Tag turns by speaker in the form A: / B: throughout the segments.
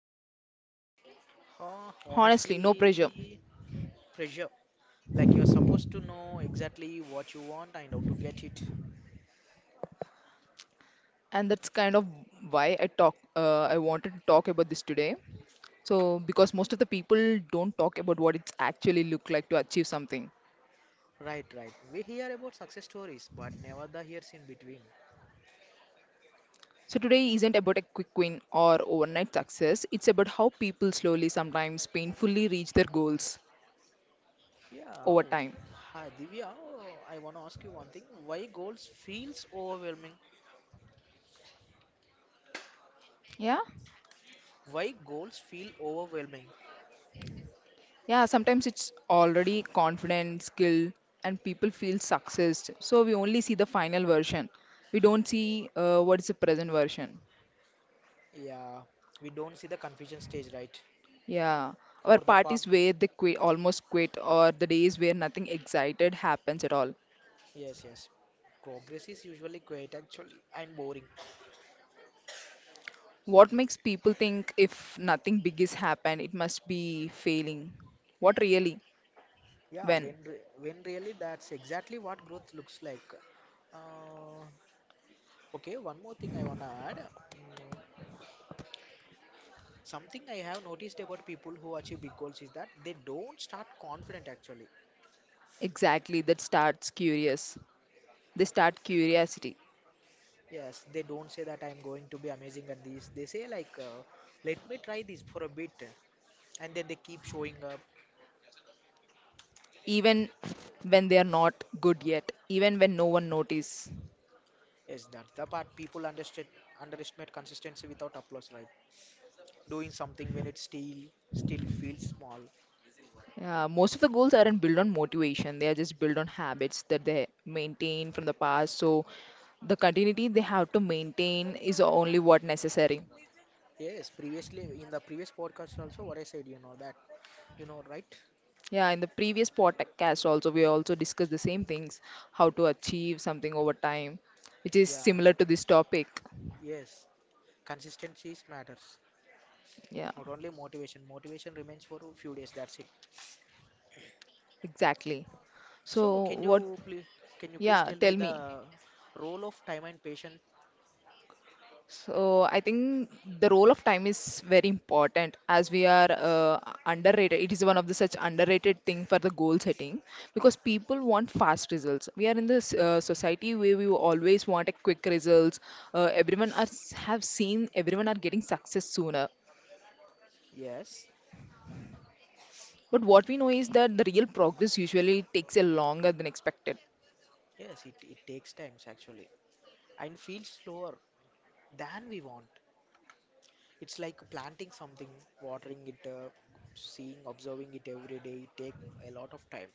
A: mind?
B: Huh,
A: Honestly, no pressure.
B: honestly, pressure. Like you're supposed to know exactly what you want and how to get it.
A: And that's kind of why I talk. I wanted to talk about this today. So because most of the people don't talk about what it's actually look like to achieve something.
B: Right, right. We hear about success stories, but never the years in between.
A: So today isn't about a quick win or overnight success. It's about how people slowly, sometimes painfully, reach their goals
B: Yeah.
A: over
B: Oh.
A: time.
B: Hi, Divya. Oh, I want to ask you one thing. Why goals feels overwhelming?
A: Yeah?
B: Why goals feel overwhelming?
A: Yeah, sometimes it's already confident, skill, and people feel success. So we only see the final version. We don't see what is the present version.
B: Yeah, we don't see the confusion stage, right?
A: Yeah. Our
B: Or the palm.
A: parties where they quit, almost quit, or the days where nothing excited happens at all.
B: Yes, yes. Progress is usually quiet actually and boring.
A: What makes people think if nothing big is happened, it must be failing? What really?
B: Yeah,
A: When?
B: when really that's exactly what growth looks like. Uh, okay, one more thing I wanna add. Mm, Something I have noticed about people who achieve big goals is that they don't start confident actually.
A: Exactly, that starts curious. They start curiosity,
B: Yes, they don't say that I'm going to be amazing at this. They say like, let me try this for a bit, and then they keep showing up.
A: even when they are not good yet, even when no one notice.
B: Yes, that's the part people underestimate consistency without applause, right? Doing something when it's still feels small.
A: Most of the goals aren't built on motivation, they are just built on habits that they maintain from the past. So the continuity they have to maintain is only what necessary.
B: Yes, previously in the previous podcast also what I said, right?
A: Yeah, in the previous podcast also we also discussed the same things, how to achieve something over time, which is
B: Yeah,
A: similar to this topic.
B: yes. Consistency is matters.
A: Yeah,
B: Not only motivation. Motivation remains for a few days, that's it.
A: exactly.
B: So
A: So,
B: can
A: what?
B: you please can you please
A: Yeah,
B: tell me
A: tell me.
B: the role of time and patience?
A: So I think the role of time is very important as we are underrated. It is one of the such underrated thing for the goal setting because people want fast results. We are in this society where we always want a quick results. Uh, everyone are, have seen everyone are getting success sooner.
B: Yes.
A: But what we know is that the real progress usually takes a longer than expected.
B: Yes, it takes times actually. And feels slower than we want. It's like planting something, watering it, seeing, observing it every day. It take a lot of time.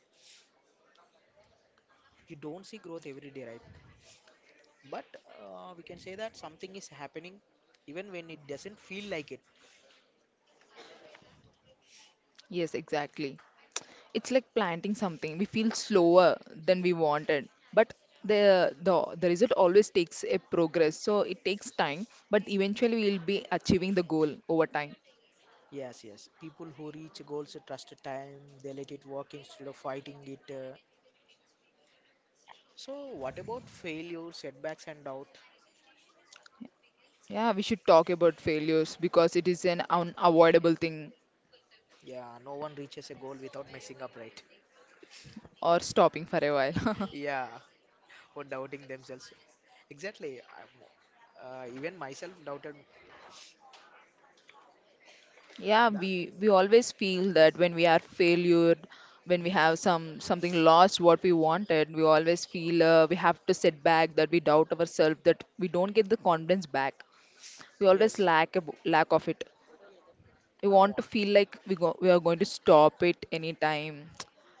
B: You don't see growth every day, right? But we can say that something is happening even when it doesn't feel like it.
A: Yes, exactly. It's like planting something. We feel slower than we wanted, but the result always takes a progress. So it takes time, but eventually we'll be achieving the goal over time.
B: Yes, yes, people who reach goals trust time. They let it work instead of fighting it. So what about failure, setbacks, and doubt?
A: Yeah, we should talk about failures because it is an unavoidable thing
B: Yeah, no one reaches a goal without messing up, right?
A: or stopping for a while.
B: Yeah, or doubting themselves. Exactly. Even myself doubted
A: Yeah,
B: that.
A: we always feel that when we are failure, when we
B: Mm,
A: have something lost what we wanted. We always feel we have to set back, that we doubt ourselves, that we don't get the confidence back. We always
B: yes,
A: lack of it. We
B: now.
A: want to feel like we are going to stop it anytime.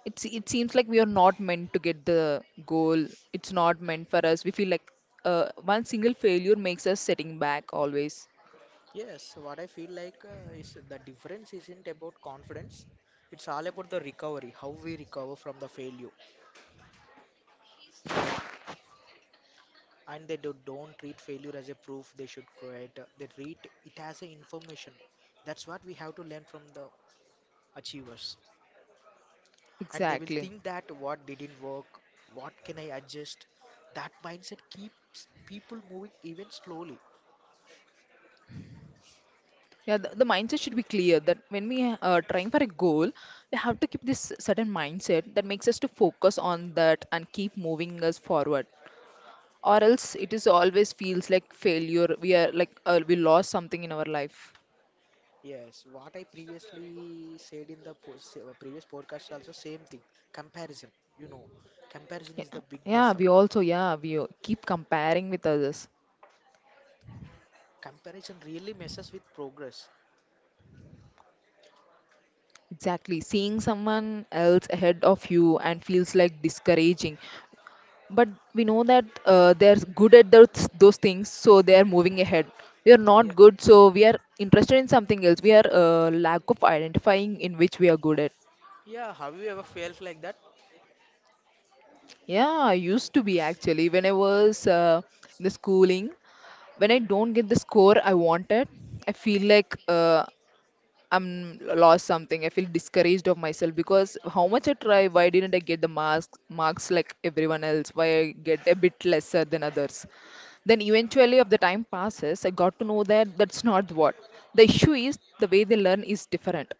A: It seems like we are not meant to get the goal. It's not meant for us. We feel like one single failure makes us setting back always.
B: Yes, what I feel like is the difference isn't about confidence. It's all about the recovery, how we recover from the failure. And don't treat failure as a proof they should create. They treat it as a information. That's what we have to learn from the achievers. And they will
A: Exactly.
B: think that what didn't work, what can I adjust? That mindset keeps people moving even slowly.
A: Yeah, the mindset should be clear that when we are trying for a goal, we have to keep this certain mindset that makes us to focus on that and keep moving us forward. Or else it is always feels like failure. We are like we lost something in our life.
B: Yes, what I previously said in the previous podcast also same thing. Comparison, you know, comparison is the
A: Yeah,
B: big mess
A: yeah,
B: up.
A: we also, yeah, we keep comparing with others.
B: Comparison really messes with progress.
A: Exactly, seeing someone else ahead of you and feels like discouraging. But we know that they're good at those things, so they are moving ahead. We are
B: Yeah,
A: not good, so we are interested in something else. We are lack of identifying in which we are good at.
B: yeah. Have you ever felt like that?
A: Yeah, I used to be actually. When I was in the schooling, when I
B: Hmm.
A: don't get the score I wanted, I feel like I'm lost something. I feel discouraged of myself because how much I try, why didn't I get the marks like everyone else? Why I get a bit lesser than others? Then eventually, of the time passes, I got to know that that's not what the issue is. The way they learn is different.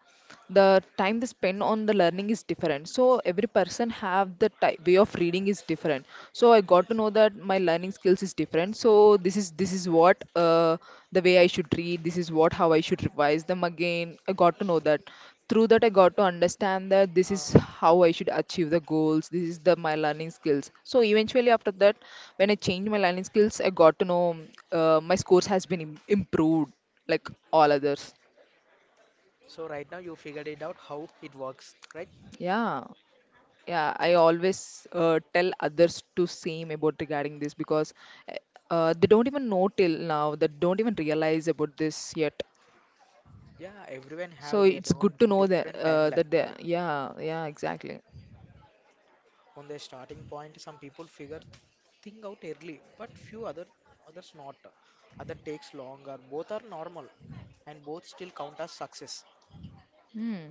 A: The time they spend on the learning is different, so every person have the type way of reading is different. So I got to
B: Yes.
A: know that my learning skills is different. So this is what, the way I should read, this is what how I should revise them again. I got to know that through that I got to understand that this is
B: Uh,
A: how I should achieve the goals. This is the my learning skills. So eventually after that, when I changed my learning skills, I got to know my scores has been improved like all others.
B: so right now you figured it out how it works, right?
A: Yeah. Yeah, I always tell others to same about regarding this because uh, they don't even know till now. They don't even realize about this yet.
B: Yeah, everyone
A: So
B: have their
A: it's good
B: own
A: to know that
B: different timeline,
A: that they,
B: right?
A: yeah, yeah, exactly.
B: On their starting point, some people figure think out early, but few other others not. Other takes longer. Both are normal, and both still count as success.
A: Hmm.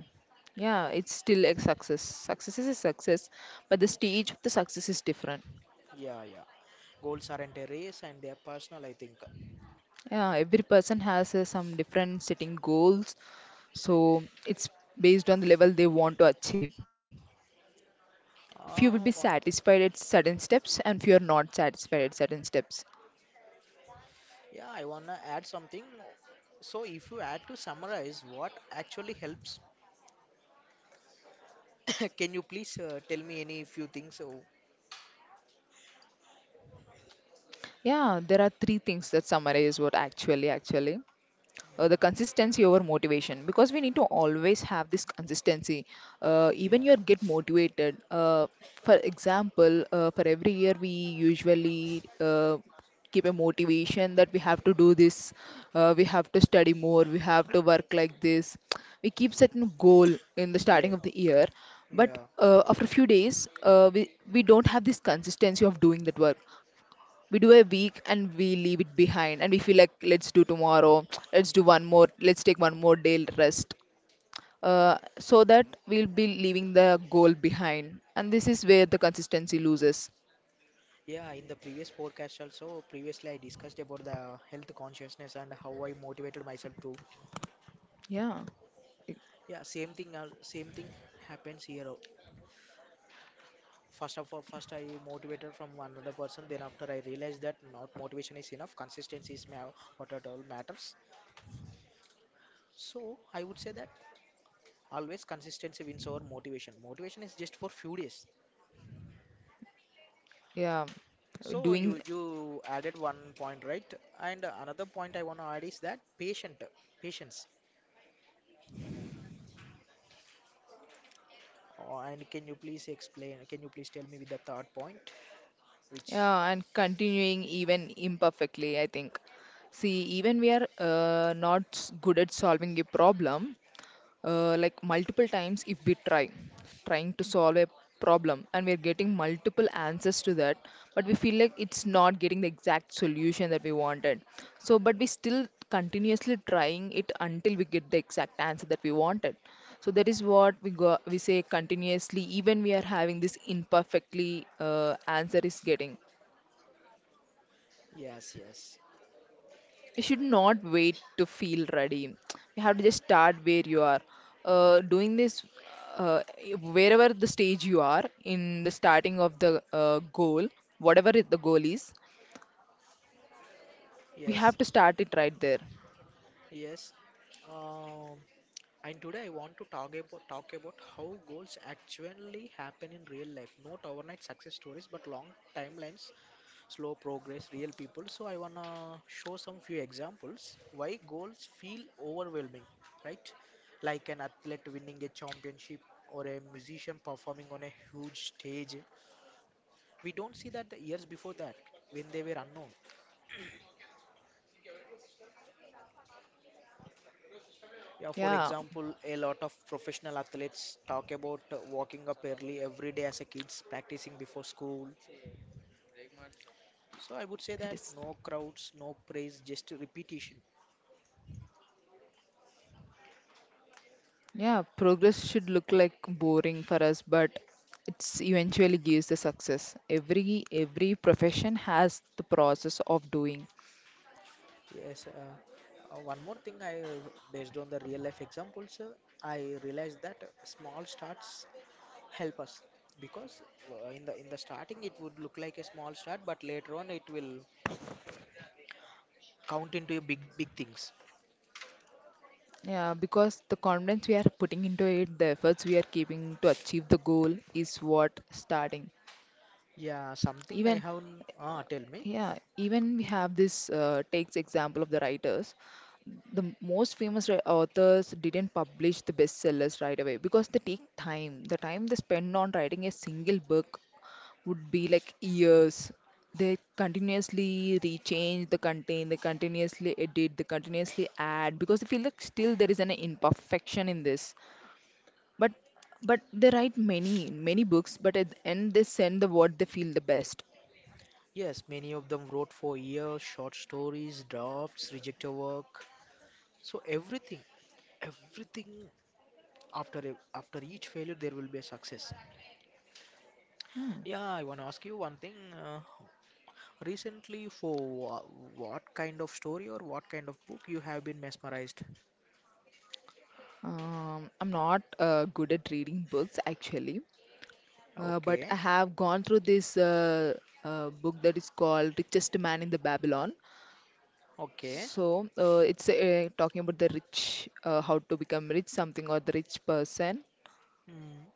A: Yeah, it's still a success. Success is a success, but the stage of the success is different.
B: Yeah, yeah. Goals aren't a race, and they are personal, I think.
A: Yeah, every person has some different setting goals, so it's based on the level they want to achieve. Few will
B: Uh,
A: be
B: wa-
A: satisfied at certain steps and few are not satisfied at certain steps.
B: yeah, I wanna add something. So, if you had to summarize what actually helps, can you please tell me any few things? Oh,
A: Yeah, there are three things that summarize what actually, the consistency over motivation, because we need to always have this consistency
B: yeah,
A: even you get motivated. For example, for every year we usually keep a motivation that we have to do this. We have to study more, we have to work like this. We keep setting goal in the starting
B: yeah,
A: of the year. But
B: yeah.
A: after a few days, we don't have this consistency of doing that work. We do a week and we leave it behind and we feel like let's do tomorrow, let's do one more, let's take one more day rest. So that we'll be leaving the goal behind, and this is where the consistency loses.
B: Yeah, in the previous podcast also, previously I discussed about the health consciousness and how I motivated myself to.
A: Yeah. I-
B: Yeah, same thing. Same thing happens here. First of all, first I motivated from another person. Then after I realized that not motivation is enough. Consistency is what at all matters. So I would say that always consistency wins over motivation. Motivation is just for few days.
A: yeah.
B: So
A: Doing.
B: you added one point, right? And another point I want to add is that patience. Oh, and can you please explain? Can you please tell me with the third point? Which?
A: Yeah, and continuing even imperfectly, I think. See, even we are not good at solving a problem. Like multiple times if we trying to solve a problem, and we're getting multiple answers to that, but we feel like it's not getting the exact solution that we wanted. So but we still continuously trying it until we get the exact answer that we wanted. So that is what we say continuously, even we are having this imperfectly answer is getting.
B: Yes, yes,
A: You should not wait to feel ready. You have to just start where you are, doing this uh, wherever the stage you are in the starting of the goal. Whatever it, the goal is, we
B: yes,
A: have to start it right there.
B: yes. Um, And today I want to talk about how goals actually happen in real life. Not overnight success stories, but long timelines, slow progress, real people. So I wanna show some few examples why goals feel overwhelming, right? Like an athlete winning a championship or a musician performing on a huge stage. We don't see that the years before that when they were unknown. Yeah, for
A: Yeah,
B: example, a lot of professional athletes talk about walking up early every day as a kids, practicing before school. So I would say
A: it
B: that
A: is.
B: no crowds, no praise, just repetition.
A: Yeah, progress should look like boring for us, but it's eventually gives the success. Every profession has the process of doing.
B: Yes. One more thing, I based on the real life examples, I realized that small starts help us because in the starting it would look like a small start, but later on it will count into a big big things.
A: Yeah, because the confidence we are putting into it, the efforts we are keeping to achieve the goal is what starting.
B: Yeah, something I
A: Even,
B: have. Tell me.
A: yeah, even we have this, takes example of the writers. The most famous authors didn't publish the bestsellers right away because they take time. The time they spend on writing a single book would be like years. They continuously rechange the content, they continuously edit, they continuously add because they feel like still there is an imperfection in this. But but they write many many books, but at the end they send the what they feel the best.
B: Yes, many of them wrote for years, short stories, drafts, rejected work. So everything after each failure there will be a success. Yeah, I want to ask you one thing. Recently, for wha- what kind of story or what kind of book you have been mesmerized?
A: I'm not good at reading books actually, but
B: Okay,
A: I have gone through this book that is called Richest Man in the Babylon.
B: okay.
A: So it's talking about the rich, how to become rich, something or the rich person.
B: Hmm.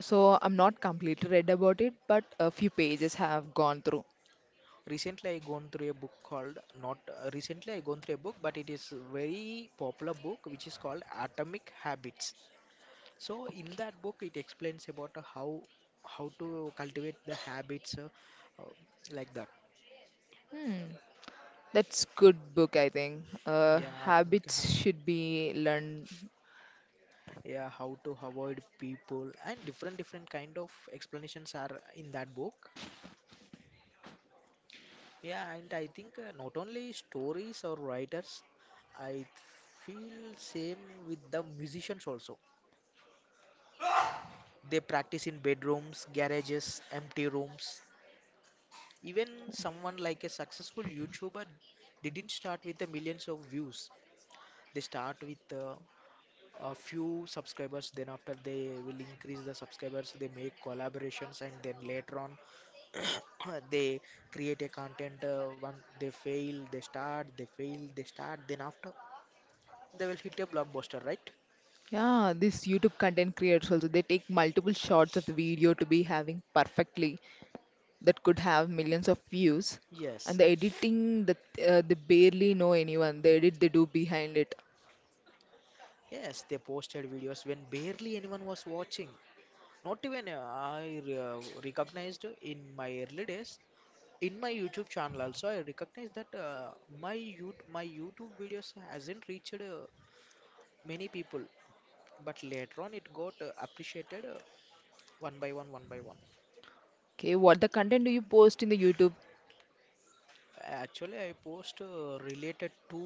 A: So I'm not completely read about it, but a few pages have gone through.
B: Recently, I gone through a book called not Recently I gone through a book, but it is a very popular book which is called Atomic Habits. So in
A: Okay.
B: that book, it explains about how to cultivate the habits, uh, like that.
A: Hmm. That's good book, I think.
B: Yeah, atomic
A: Habits
B: habit.
A: should be learned.
B: Yeah, how to avoid people and different different kind of explanations are in that book. Yeah, and I think not only stories or writers, I feel same with the musicians also. They practice in bedrooms, garages, empty rooms. Even someone like a successful YouTuber didn't start with the millions of views. They start with a few subscribers, then after they will increase the subscribers, they make collaborations, and then later on they create a content. One they fail, they start, they fail, they start. Then after they will hit a blockbuster, right?
A: Yeah, these YouTube content creators also they take multiple shots of the video to be having perfectly that could have millions of views, and
B: Yes,
A: the editing that they barely know anyone. The edit they do behind it.
B: yes, they posted videos when barely anyone was watching. Not even I recognized in my early days. In my YouTube channel also, I recognized that my YouTube videos hasn't reached many people, but later on it got appreciated, one by one by one.
A: Okay, what the content do you post in the YouTube?
B: Actually I post related to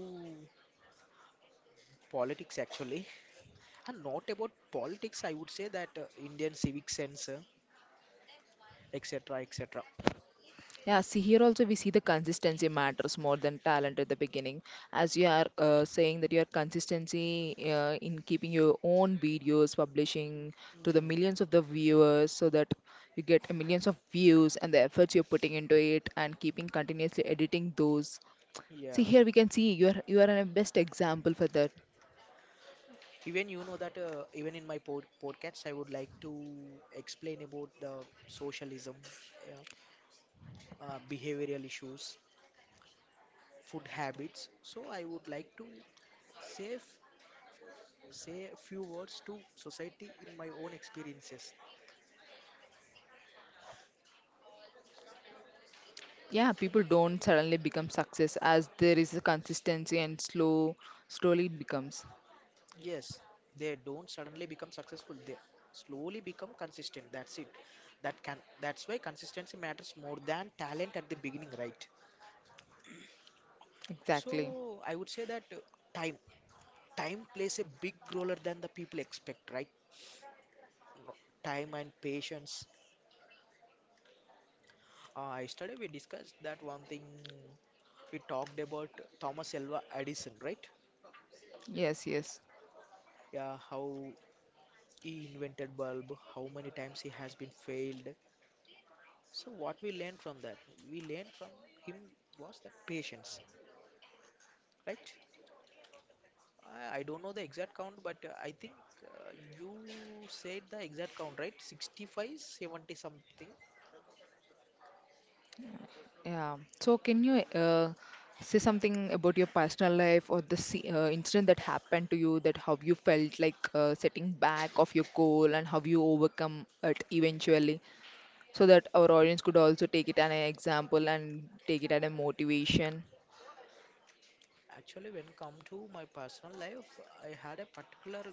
B: politics actually. And not about politics, I would say that indian civic sense, etc, etc.
A: Yeah, see here also we see the consistency matters more than talent at the beginning. As you are saying that your consistency in keeping your own videos publishing to the millions of the viewers so that you get a millions of views, and the efforts you're putting into it and keeping continuously editing those.
B: Yeah,
A: See here we can see you are a best example for that.
B: even you know that even in my pod- podcast I would like to explain about the socialism, yeah, behavioral issues, food habits. So I would like to save say a few words to society in my own experiences.
A: Yeah, people don't suddenly become success, as there is a consistency and slowly it becomes.
B: Yes, they don't suddenly become successful. They slowly become consistent. That's it. That's why consistency matters more than talent at the beginning, right?
A: Exactly.
B: So I would say that time time plays a big role than the people expect, right? No- Time and patience. Yesterday we discussed that one thing, we talked about Thomas Alva Edison, right?
A: Yes, yes.
B: Yeah, how he invented bulb, how many times he has been failed. So what we learned from that? We learned from him was that patience, right? I don't know the exact count, but I think uh, you said the exact count, right? 65, 70 something.
A: Yeah. So can you say something about your personal life or the incident that happened to you, that how you felt like setting back of your goal and how you overcome it eventually, so that our audience could also take it as an example and take it as a motivation.
B: Actually, when come to my personal life, I had a particular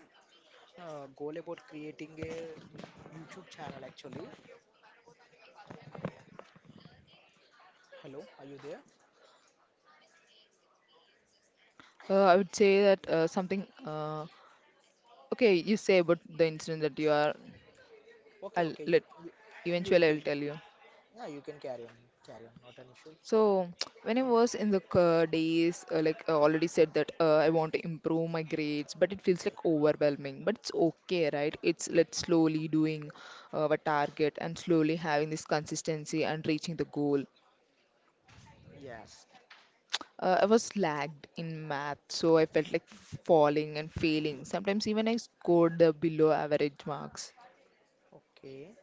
B: goal about creating a YouTube channel actually. Hello, are you there?
A: I would say that something okay, you say about the incident that you are
B: Okay,
A: I'll
B: okay,
A: let
B: you
A: eventually I will
B: can,
A: tell you.
B: yeah, you can carry on, carry on, not an issue.
A: So, when I was in the days, like I already said that I want to improve my grades, but it feels like overwhelming. But it's okay, right? It's let's slowly doing our target and slowly having this consistency and reaching the goal.
B: Yes.
A: I was lagged in math, so I felt like falling and failing. Sometimes even I scored the below average marks.
B: Okay.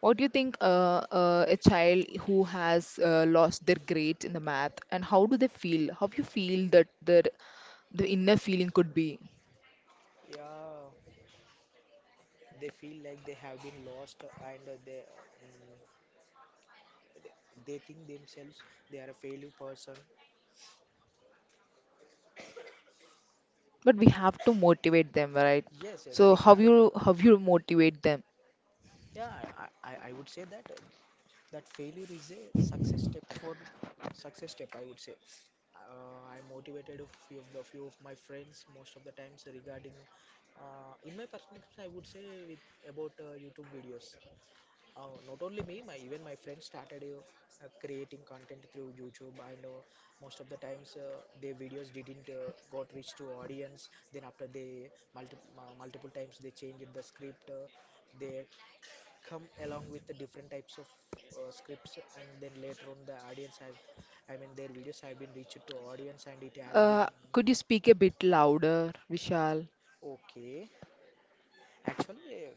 A: What do you think a child who has lost their grades in the math, and how do they feel? How you feel that the inner feeling could be?
B: Yeah, they feel like they have been lost and mm, they they think themselves they are a failure person.
A: But we have to motivate them, right?
B: Yes, yes,
A: So
B: we
A: how
B: have to.
A: you how you motivate them?
B: Yeah, I would say that that failure is a success step, I would say. I motivated a few of the few of my friends most of the times regarding. In my personal experience, I would say with about YouTube videos. Not only me, my even my friends started, creating content through YouTube. I know most of the times their videos didn't got reach to audience. Then after they multi multiple times they changed the script. They Come along with the different types of scripts, and then later on I mean their videos have been reached to audience, and it has been
A: Uh, could you speak a bit louder, Vishal?
B: okay. Actually, uh,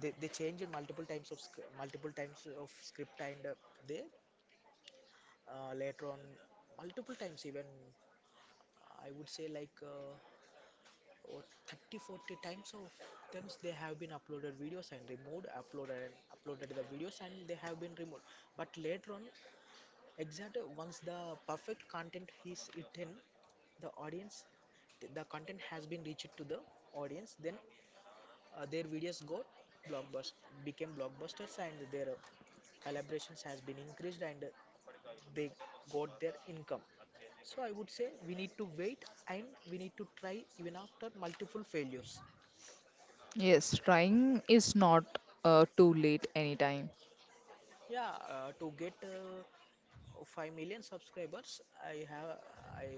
B: they changed multiple times of script and they later on multiple times even, I would say like, oh, 30 40 times of times they have been uploaded videos and removed, uploaded and uploaded the videos and they have been removed. But later on, exactly once the perfect content is eaten the audience, the content has been reached to the audience, then their videos got blockbuster, became blockbusters, and their collaborations has been increased, and they got their income. So I would say we need to wait, and we need to try even after multiple failures.
A: Yes, trying is not too late anytime.
B: Yeah, to get 5 million subscribers, I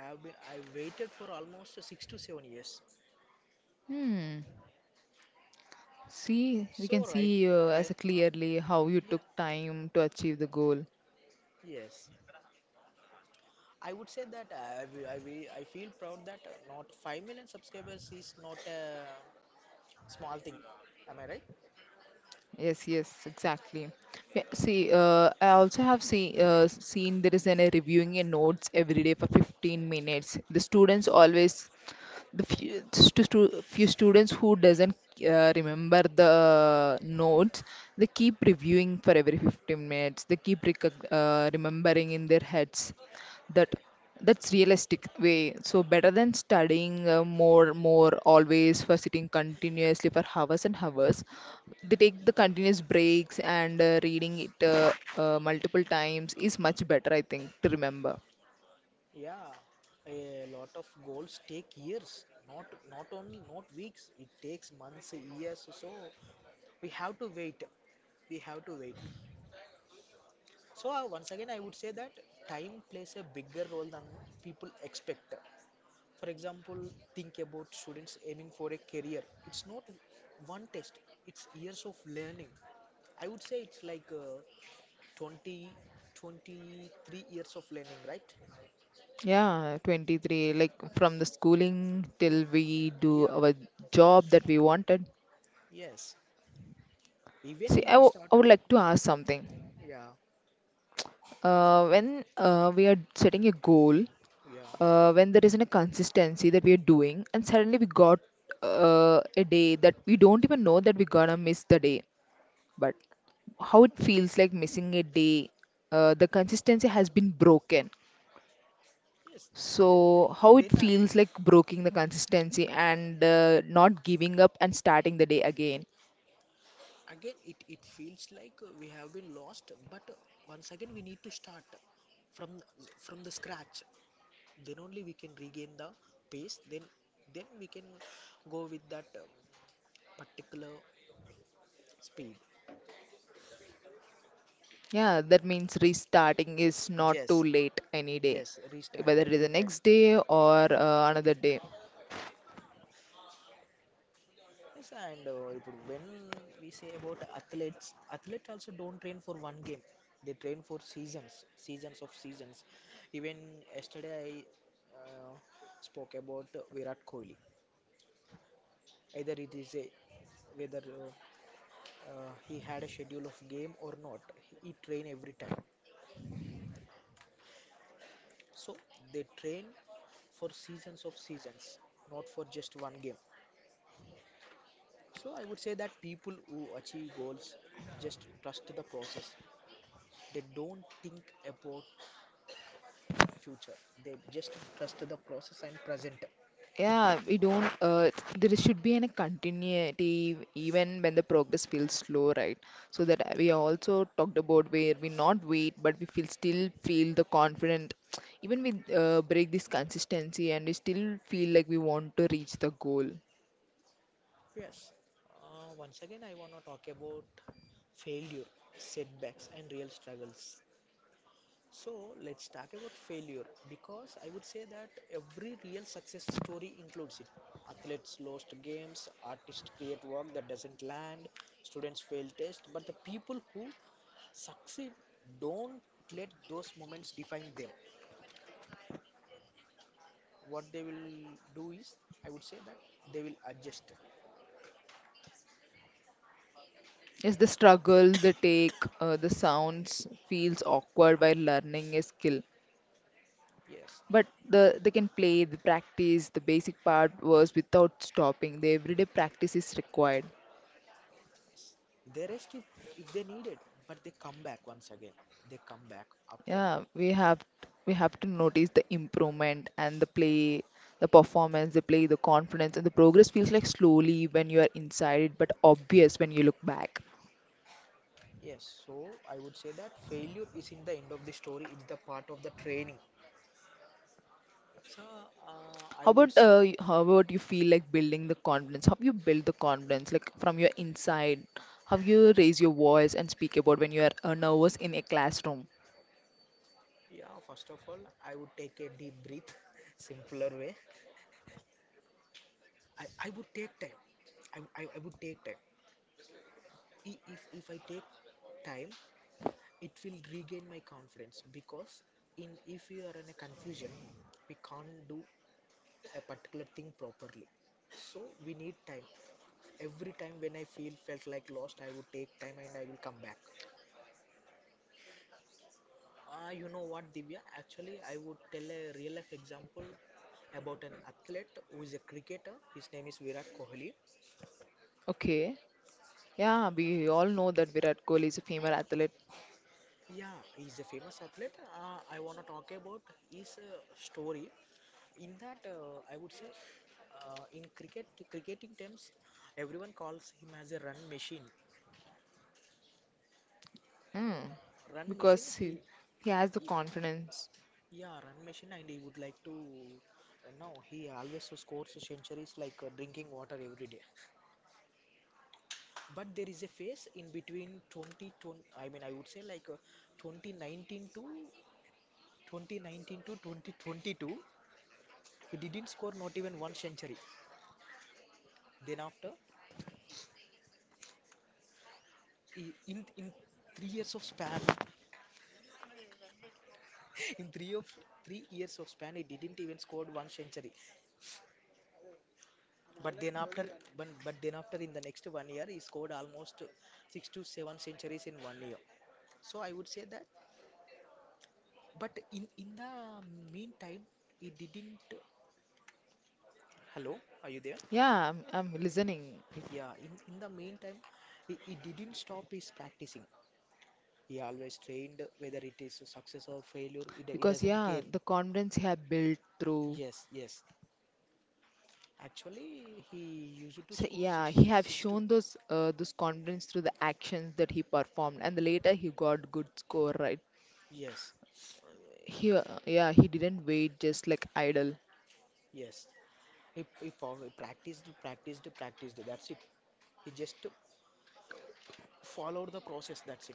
B: have been I waited for almost 6 to 7 years.
A: Hmm. See, we can
B: So right,
A: see
B: right,
A: as a
B: uh,
A: clearly how you took
B: yeah,
A: time to achieve the goal.
B: yes. I would say that I feel proud that not 5 million subscribers is not a small thing. Am I right?
A: Yes, yes, exactly. Yeah, see, I also have seen seen there is an a reviewing a notes every day for 15 minutes. The students always the few, few students who doesn't remember the notes, they keep reviewing for every 15 minutes. They keep recog remembering in their heads that. That's realistic way. So better than studying more always, for sitting continuously for hours and hours. They take the continuous breaks and reading it multiple times is much better, I think, to remember.
B: Yeah, a lot of goals take years, not, not only not weeks. It takes months, years. So we have to wait. We have to wait. So once again, I would say that time plays a bigger role than people expect. For example, think about students aiming for a career. It's not one test. It's years of learning. I would say it's like 20, 23 years of learning, right?
A: Yeah, 23, like from the schooling till we do
B: Yeah.
A: our job that we wanted.
B: Yes. Even
A: See,
B: if we
A: I
B: started,
A: would like to ask something.
B: yeah.
A: Uh, when we are setting a goal,
B: Yeah.
A: when there isn't a consistency that we are doing, and suddenly we got a day that we don't even know that we're gonna miss the day. But how it feels like missing a day, the consistency has been broken.
B: Yes. th- th-
A: So, how it
B: Then
A: feels like breaking the consistency and not giving up and starting the day again.
B: again, it feels like we have been lost, but once again we need to start from from the scratch. Then only we can regain the pace. Then we can go with that particular speed.
A: Yeah, that means restarting is not
B: Yes.
A: too late any day,
B: Yes. Restart
A: whether it is
B: every
A: the
B: time.
A: next day or another day.
B: Yes, and ఇప్పుడు when we say about athletes, athletes also don't train for one game. They train for seasons, seasons of seasons. Even yesterday I uh, spoke about Virat Kohli. Either it is a whether he had a schedule of game or not, he train every time. So they train for seasons of seasons, not for just one game. So I would say that people who achieve goals just trust the process. They don't think about future. They just trust the process and present.
A: Yeah, we don't. It's there should be a continuity even when the progress feels slow, right? So that we also talked about where we not wait, but we feel still feel the confident. Even we break this consistency, and we still feel like we want to reach the goal.
B: Yes. Once again, I want to talk about failure, setbacks, and real struggles. So, let's talk about failure because I would say that every real success story includes it. Athletes lost games, artists create work that doesn't land, students fail tests, but the people who succeed don't let those moments define them. What they will do is, I would say that they will adjust.
A: Yes, the struggle, the take, the sounds feels awkward while learning a skill.
B: Yes,
A: But the they can play, the practice, the basic part was without stopping. The everyday practice is required.
B: they rest if they need it, but they come back, once again they come back after.
A: Yeah, we have to notice the improvement and the play, the performance, the play, the confidence, and the progress feels like slowly when you are inside it, but obvious when you look back.
B: Yes, so I would say that failure is in the end of the story, it's the part of the training. So I
A: How
B: would
A: about
B: say.
A: how about you feel like building the confidence? How you build the confidence, like from your inside? How you raise your voice and speak about when you are nervous in a classroom?
B: Yeah, first of all, I would take a deep breath simpler way. I would take time. I would take time. If I take time, it will regain my confidence because in if you are in a confusion, we can't do a particular thing properly. So we need time. Every time when I feel felt like lost, I would take time and I will come back. You know what, Divya, actually I would tell a real life example about an athlete who is a cricketer. His name is Virat Kohli.
A: Okay,
B: Yeah,
A: yeah, we all know that Virat Kohli is a female athlete.
B: yeah, he's a famous athlete. I want to talk about his story. In that, I would say, in cricket, cricketing terms, everyone calls him as a run machine.
A: Hmm,
B: Run machine.
A: because
B: He,
A: he has the
B: he
A: confidence.
B: yeah, run machine, and he would like to. No, he always scores centuries like drinking water every day. But there is a phase in between 2020. I mean, I would say like 2019 to 2019 to 2022. He didn't score not even one century. Then after, he, in 3 years of span, In three of 3 years of span, he didn't even scored one century. But then after, but then after, in the next one year, he scored almost six to seven centuries in one year. So I would say that. But in the meantime, he didn't. Hello, are you there?
A: Yeah, I'm listening.
B: Yeah. In the meantime, he didn't stop his practicing. He always trained, whether it is success or failure, he
A: Because
B: doesn't
A: yeah,
B: care.
A: the confidence he have built through.
B: Yes, yes. Actually, he used to
A: So
B: score
A: yeah, he
B: six
A: have
B: six to
A: shown those confidence through the actions that he performed, and the later he got good score, right.
B: yes.
A: He yeah, he didn't wait just like idle.
B: Yes, he practiced, practiced, practiced. That's it. He just followed the process. That's it.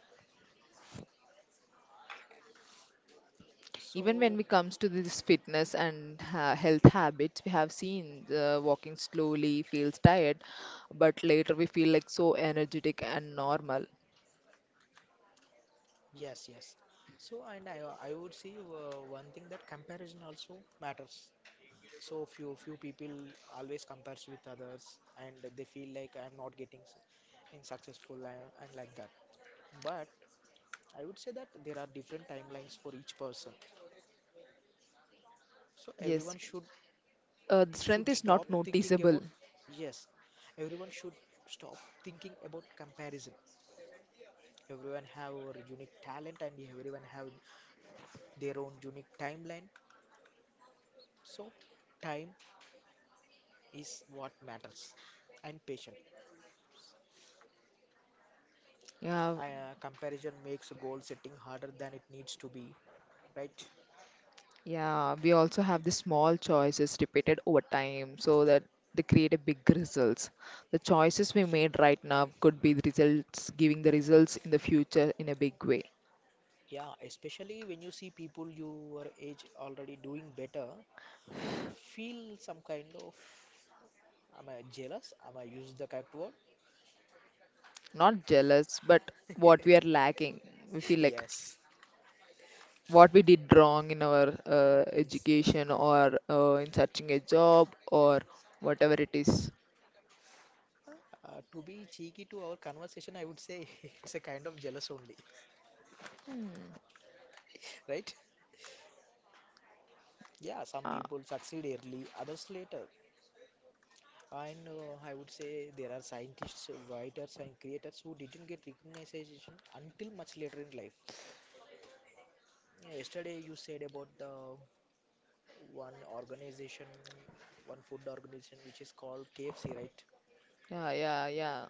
A: Even when
B: So
A: we comes to this fitness and health habits, we have seen walking slowly feels tired, but later we feel like so energetic and normal.
B: yes, yes. So and I would say one thing that comparison also matters. So few people always compares with others and they feel like I'm not getting in successful, and like that. But I would say that there are different timelines for each person. So
A: Yes,
B: everyone should
A: the
B: should
A: strength is not
B: stop thinking
A: noticeable.
B: about, yes, everyone should stop thinking about comparison. Everyone have our unique talent, and everyone have their own unique timeline. So time is what matters and patient.
A: Yeah,
B: Comparison makes goal setting harder than it needs to be, right?
A: yeah, we also have the small choices repeated over time so that they create a big results. The choices we made right now could be the results, giving the results in the future in a big way.
B: Yeah, especially when you see people your age already doing better, you would feel some kind of, am I jealous? Am I use the correct word?
A: Not jealous, but what we are lacking. We feel like
B: Yes,
A: what we did wrong in our
B: yes, yes.
A: education or in searching a job or whatever it is.
B: To be cheeky to our conversation, I would say it's a kind of jealous only, right? Yeah, some
A: Uh,
B: people succeed early, others later. And I would say there are scientists, writers, and creators who didn't get recognition until much later in life. Yeah, yesterday, you said about the one organization, one food organization, which is called KFC, right?
A: yeah, yeah, yeah.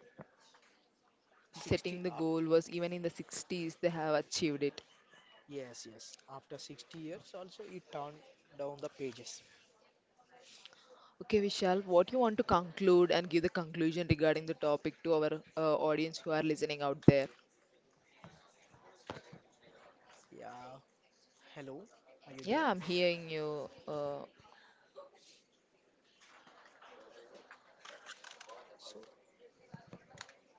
B: 60
A: Setting the
B: up.
A: goal was even in the 60s, they have achieved it.
B: Yes, yes. After 60 years, also it turned down the pages.
A: Okay, Vishal, what you want to conclude and give the conclusion regarding the topic to our audience who are listening out there?
B: Yeah. Hello, are you there?
A: Yeah, I'm hearing you. Uh,
B: So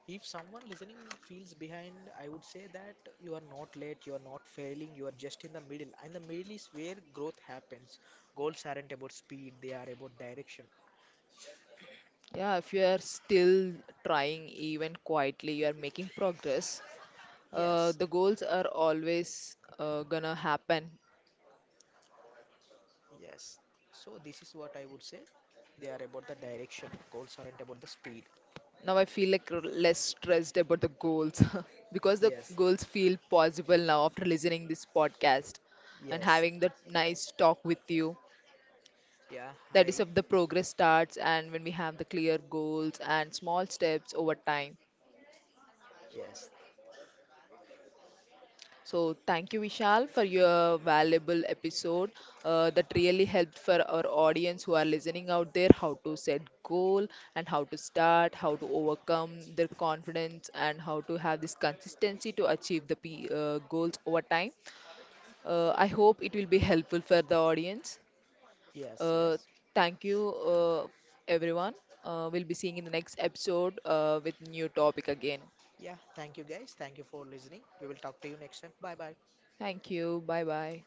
B: if someone listening feels behind, I would say that you are not late, you are not failing, you are just in the middle. And the middle is where growth happens. Goals aren't about speed, they are about direction.
A: yeah, if you are still trying even quietly, you are making progress.
B: Yes,
A: The goals are always gonna happen.
B: yes. So, this is what I would say. They are about the direction. Goals aren't about the speed.
A: Now I feel like less stressed about the goals because the
B: Yes,
A: goals feel possible now after listening this podcast and
B: yes.
A: having that nice talk with you.
B: Yeah,
A: That
B: hi.
A: is if the progress starts and when we have the clear goals and small steps over time.
B: Yes,
A: So thank you, Vishal, for your valuable episode that really helped for our audience who are listening out there, how to set goal and how to start, how to overcome their confidence and how to have this consistency to achieve the goals over time. I hope it will be helpful for the audience.
B: yes,
A: Uh,
B: yes.
A: thank you, everyone. We'll be seeing in the next episode with new topic again.
B: Yeah, thank you guys. Thank you for listening. We will talk to you next time. Bye bye.
A: Thank you. Bye bye.